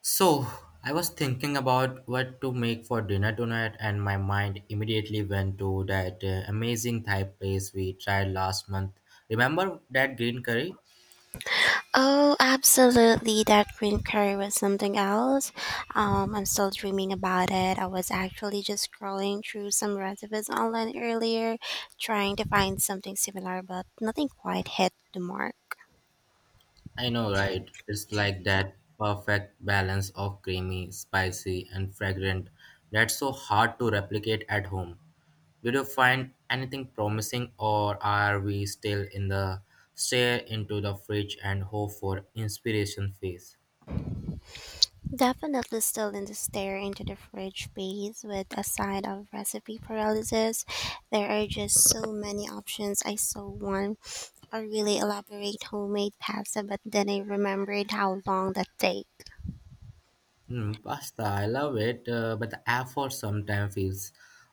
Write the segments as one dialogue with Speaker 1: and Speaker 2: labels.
Speaker 1: So, I was thinking about what to make for dinner tonight, and my mind immediately went to that amazing Thai place we tried last month. Remember that green curry?
Speaker 2: Oh, absolutely. That green curry was something else. I'm still dreaming about it. I was actually just scrolling through some recipes online earlier, trying to find something similar, but nothing quite hit the mark.
Speaker 1: I know, right? It's like that perfect balance of creamy, spicy, and fragrant that's so hard to replicate at home. Did you find anything promising, or are we still in the stare into the fridge and hope for inspiration phase?
Speaker 2: Definitely still in the stare into the fridge phase with a side of recipe paralysis. There are just so many options. I saw one a really elaborate homemade pasta, but then I remembered how long that takes.
Speaker 1: Mm, pasta, I love it, but the effort sometimes feels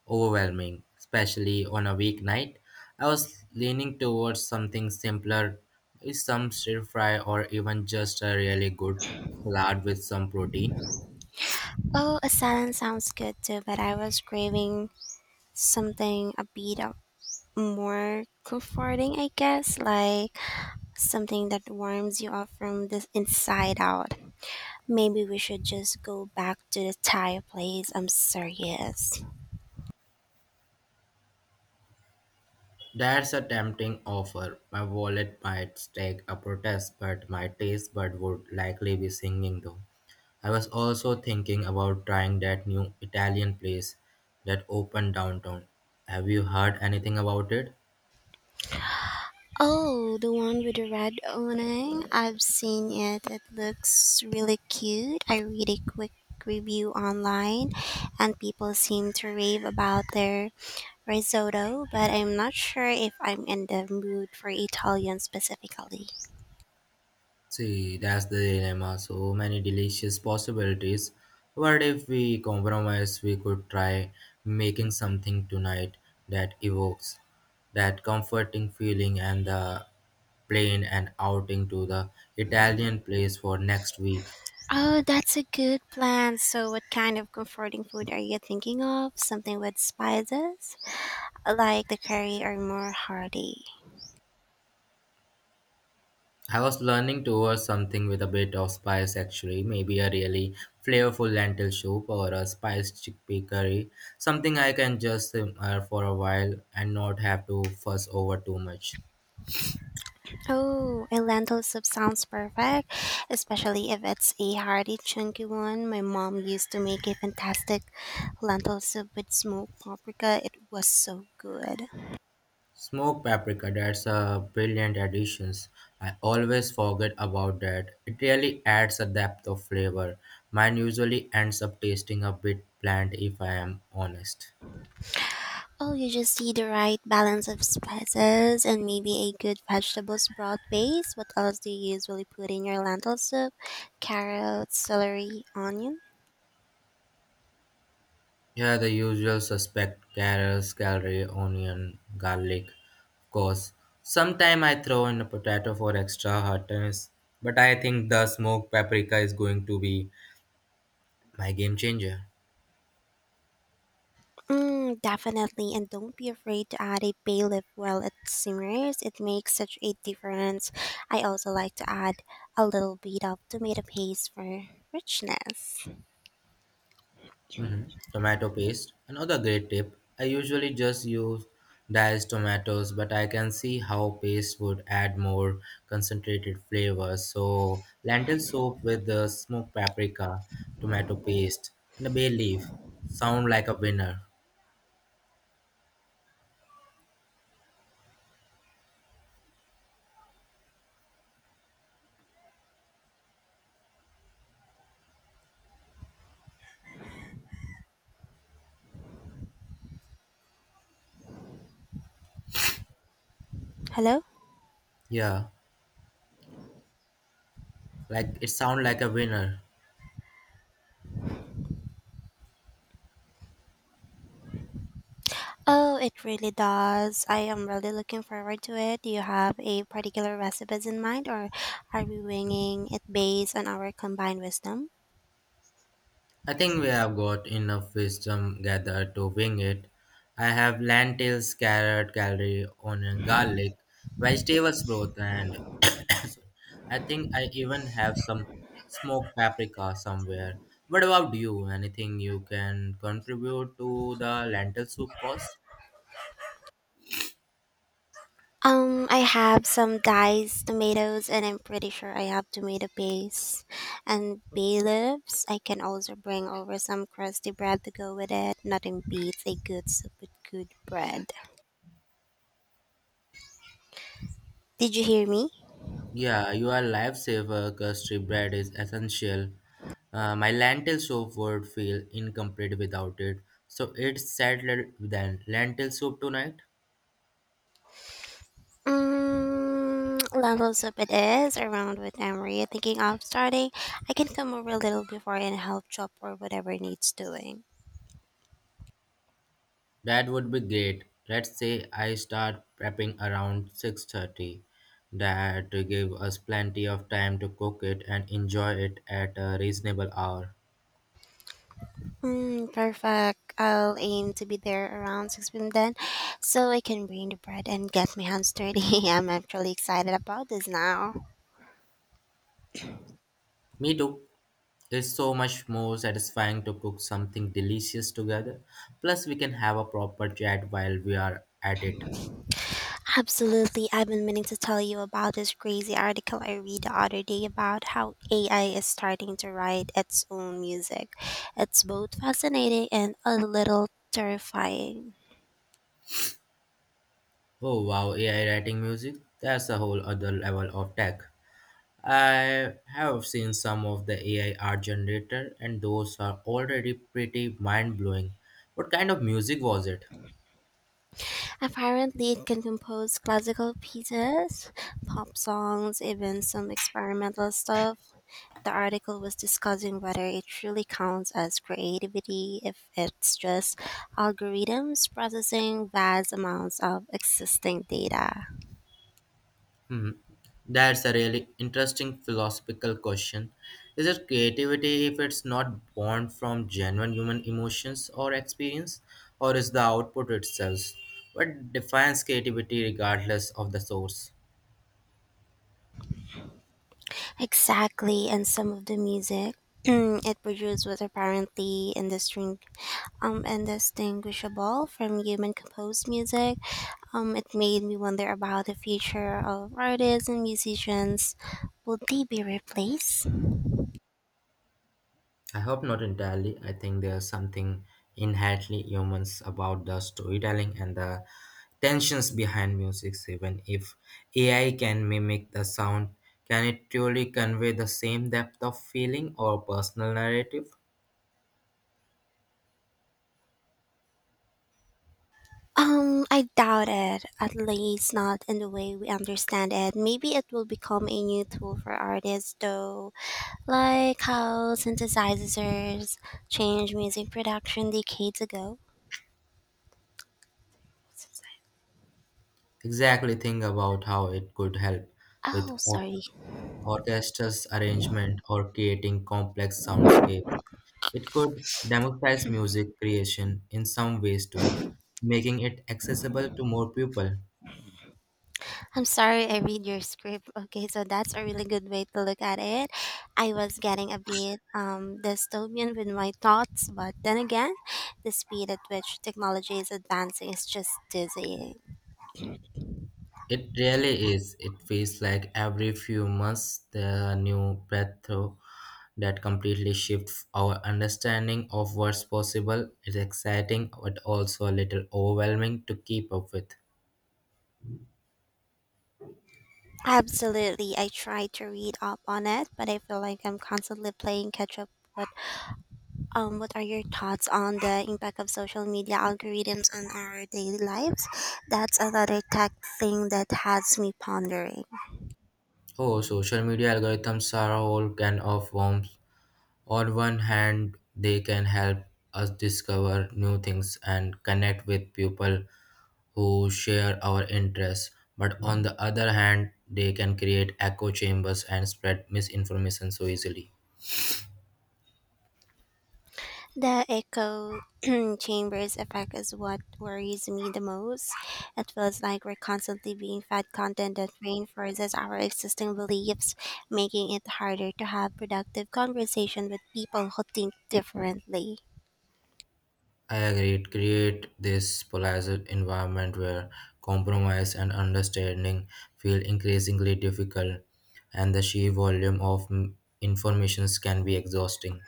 Speaker 1: overwhelming, especially on a weeknight. I was leaning towards something simpler, maybe some stir fry or even just a really good salad with some protein.
Speaker 2: Oh, a salad sounds good too, but I was craving something a bit of more comforting, I guess, like something that warms you up from the inside out. Maybe we should just go back to the Thai place. I'm serious.
Speaker 1: That's a tempting offer. My wallet might stake a protest, but my taste bud would likely be singing though. I was also thinking about trying that new Italian place that opened downtown. Have you heard anything about it?
Speaker 2: Oh, the one with the red awning. I've seen it. It looks really cute. I read a quick review online and people seem to rave about their risotto, but I'm not sure if I'm in the mood for Italian specifically.
Speaker 1: See, that's the dilemma. So many delicious possibilities. What if we compromise? We could try making something tonight that evokes that comforting feeling and the plane and outing to the Italian place for next week.
Speaker 2: Oh, that's a good plan. So, what kind of comforting food are you thinking of? Something with spices, like the curry or more hearty?
Speaker 1: I was learning towards something with a bit of spice actually, maybe a really flavorful lentil soup or a spiced chickpea curry, something I can just simmer for a while and not have to fuss over too much.
Speaker 2: Oh, a lentil soup sounds perfect, especially if it's a hearty, chunky one. My mom used to make a fantastic lentil soup with smoked paprika. It was so good.
Speaker 1: Smoked paprika, that's a brilliant addition. I always forget about that. It really adds a depth of flavor. Mine usually ends up tasting a bit bland if I am honest.
Speaker 2: Oh, you just need the right balance of spices and maybe a good vegetable broth base. What else do you usually put in your lentil soup? Carrots, celery, onion?
Speaker 1: Yeah, the usual suspect carrots, celery, onion, garlic, of course. Sometimes I throw in a potato for extra hotness, but I think the smoked paprika is going to be my game changer.
Speaker 2: Mm, definitely. And don't be afraid to add a bay leaf while it simmers. It makes such a difference. I also like to add a little bit of tomato paste for richness.
Speaker 1: Hmm. Tomato paste. Another great tip. I usually just use diced tomatoes, but I can see how paste would add more concentrated flavor. So, lentil soup with the smoked paprika, tomato paste, and a bay leaf sound like a winner.
Speaker 2: Hello?
Speaker 1: Yeah, like it sound like a winner.
Speaker 2: Oh, it really does. I am really looking forward to it. Do you have a particular recipes in mind or are we winging it based on our combined wisdom?
Speaker 1: I think we have got enough wisdom gathered to wing it. I have lentils, carrot, celery, onion, garlic, vegetables broth, and I think I even have some smoked paprika somewhere. What about you? Anything you can contribute to the lentil soup course?
Speaker 2: I have some diced tomatoes and I'm pretty sure I have tomato paste and bay leaves. I can also bring over some crusty bread to go with it. Nothing beats a good soup with good bread. Did you hear me?
Speaker 1: Yeah, you are lifesaver. Custard bread is essential. My lentil soup would feel incomplete without it. So it's settled then. Lentil soup tonight?
Speaker 2: Mm, levels up it is around what time were you thinking of starting? I can come over a little before and help chop or whatever needs doing.
Speaker 1: That would be great. Let's say I start prepping around 6:30. That give us plenty of time to cook it and enjoy it at a reasonable hour.
Speaker 2: Mm, perfect. I'll aim to be there around 6 p.m. then, so I can bring the bread and get my hands dirty. I'm actually excited about this now.
Speaker 1: Me too. It's so much more satisfying to cook something delicious together. Plus, we can have a proper chat while we are at it.
Speaker 2: Absolutely. I've been meaning to tell you about this crazy article I read the other day about how AI is starting to write its own music. It's both fascinating and a little terrifying.
Speaker 1: Oh wow, AI writing music? That's a whole other level of tech. I have seen some of the AI art generator and those are already pretty mind blowing. What kind of music was it?
Speaker 2: Apparently, it can compose classical pieces, pop songs, even some experimental stuff. The article was discussing whether it truly counts as creativity if it's just algorithms processing vast amounts of existing data.
Speaker 1: Hmm. That's a really interesting philosophical question. Is it creativity if it's not born from genuine human emotions or experience, or is the output itself? What defines creativity regardless of the source?
Speaker 2: Exactly, and some of the music it produced was apparently indistinguishable from human composed music. It made me wonder about the future of artists and musicians. Will they be replaced?
Speaker 1: I hope not entirely. I think there's something inherently humans about the storytelling and the tensions behind music. Even if AI can mimic the sound, can it truly convey the same depth of feeling or personal narrative?
Speaker 2: I doubt it. At least not in the way we understand it. Maybe it will become a new tool for artists, though, like how synthesizers changed music production decades ago.
Speaker 1: Exactly, think about how it could help with
Speaker 2: Oh, sorry.
Speaker 1: orchestra's arrangement or creating complex soundscapes. It could democratize music creation in some ways too, making it accessible to more people.
Speaker 2: I'm sorry I read your script. Okay, so that's a really good way to look at it. I was getting a bit dystopian with my thoughts, but then again, the speed at which technology is advancing is just dizzying.
Speaker 1: It really is. It feels like every few months there are new breakthrough that completely shifts our understanding of what's possible. It's exciting but also a little overwhelming to keep up with.
Speaker 2: Absolutely, I try to read up on it, but I feel like I'm constantly playing catch up. What are your thoughts on the impact of social media algorithms on our daily lives? That's another tech thing that has me pondering.
Speaker 1: Oh, social media algorithms are a whole can of worms. On one hand, they can help us discover new things and connect with people who share our interests, but on the other hand, they can create echo chambers and spread misinformation so easily.
Speaker 2: The echo chambers effect is what worries me the most. It feels like we're constantly being fed content that reinforces our existing beliefs, making it harder to have productive conversation with people who think differently.
Speaker 1: I agree, it create this polarized environment where compromise and understanding feel increasingly difficult, and the sheer volume of informations can be exhausting.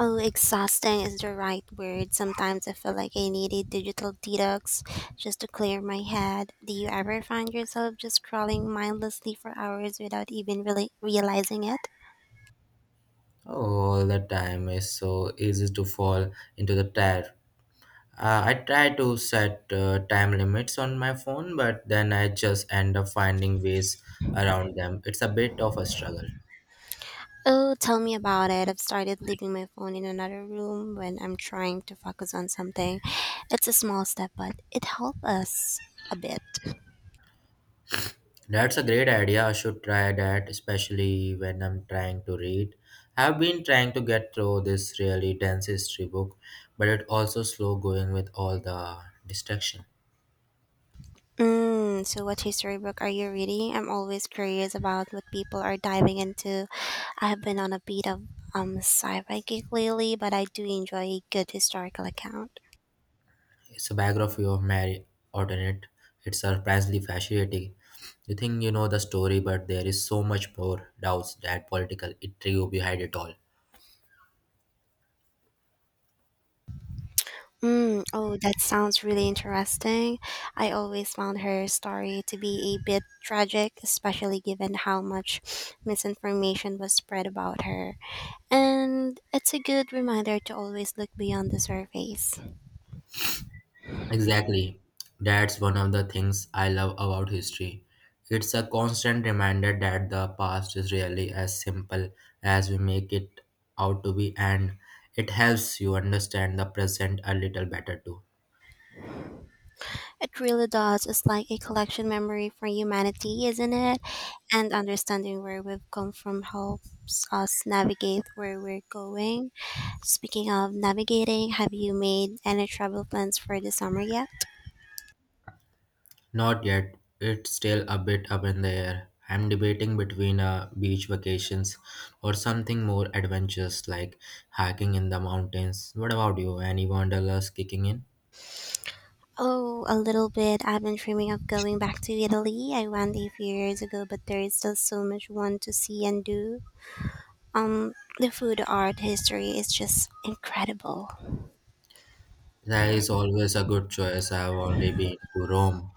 Speaker 2: Oh, exhausting is the right word. Sometimes I feel like I need a digital detox just to clear my head. Do you ever find yourself just scrolling mindlessly for hours without even really realizing it?
Speaker 1: All the time is so easy to fall into the trap. I try to set time limits on my phone, but then I just end up finding ways around them. It's a bit of a struggle.
Speaker 2: Oh, tell me about it. I've started leaving my phone in another room when I'm trying to focus on something. It's a small step, but it helps us a bit.
Speaker 1: That's a great idea. I should try that, especially when I'm trying to read. I've been trying to get through this really dense history book, but it also slow going with all the distraction.
Speaker 2: Mm, so, what history book are you reading? I'm always curious about what people are diving into. I have been on a bit of sci-fi kick lately, but I do enjoy a good historical account.
Speaker 1: It's a biography of Mary Ordonette. It's surprisingly fascinating. You think you know the story, but there is so much more doubts that political intrigue behind it all.
Speaker 2: Mm, oh, that sounds really interesting. I always found her story to be a bit tragic, especially given how much misinformation was spread about her. And it's a good reminder to always look beyond the surface.
Speaker 1: Exactly. That's one of the things I love about history. It's a constant reminder that the past is really as simple as we make it out to be, and it helps you understand the present a little better too.
Speaker 2: It really does. It's like a collection memory for humanity, isn't it? And understanding where we've come from helps us navigate where we're going. Speaking of navigating, have you made any travel plans for the summer yet?
Speaker 1: Not yet. It's still a bit up in the air. I'm debating between a beach vacations or something more adventurous like hiking in the mountains. What about you? Any wanderlust kicking in?
Speaker 2: Oh, a little bit. I've been dreaming of going back to Italy. I went a few years ago, but there is still so much one to see and do. The food, art, history is just incredible.
Speaker 1: That is always a good choice. I've only been to Rome.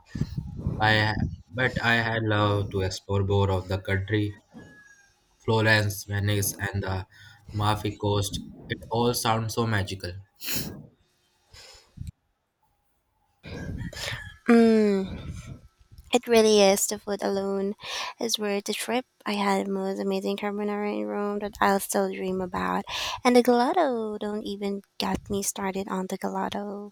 Speaker 1: I, but I had loved to explore more of the country, Florence, Venice, and the Amalfi Coast. It all sounds so magical.
Speaker 2: Mm, it really is. The food alone is worth the trip. I had the most amazing carbonara in Rome that I'll still dream about. And the gelato, don't even get me started on the gelato.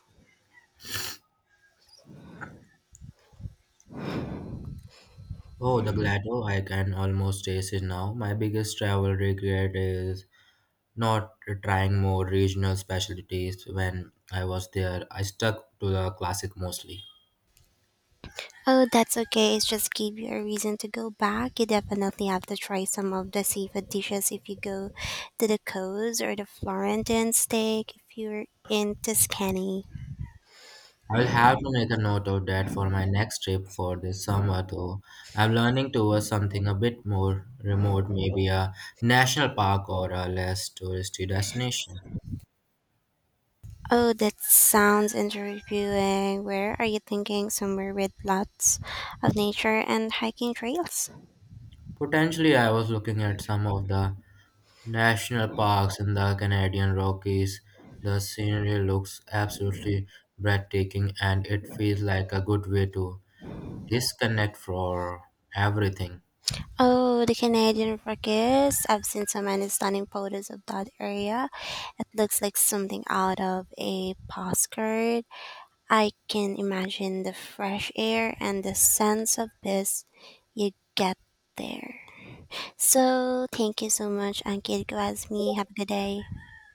Speaker 1: Oh, the Glado, I can almost taste it now. My biggest travel regret is not trying more regional specialties when I was there. I stuck to the classic mostly.
Speaker 2: Oh, that's okay. It's just give you a reason to go back. You definitely have to try some of the seafood dishes if you go to the coast or the Florentine steak if you're in Tuscany.
Speaker 1: I'll have to make a note of that for my next trip for this summer though. I'm learning towards something a bit more remote, maybe a national park or a less touristy destination.
Speaker 2: Oh, that sounds interviewing. Where are you thinking? Somewhere with lots of nature and hiking trails?
Speaker 1: Potentially, I was looking at some of the national parks in the Canadian Rockies. The scenery looks absolutely breathtaking, and it feels like a good way to disconnect for everything.
Speaker 2: Oh, the Canadian Rockies. I've seen so many stunning photos of that area. It looks like something out of a postcard. I can imagine the fresh air and the sense of peace you get there. So, thank you so much, Ankit Gwazmi. Have a good day.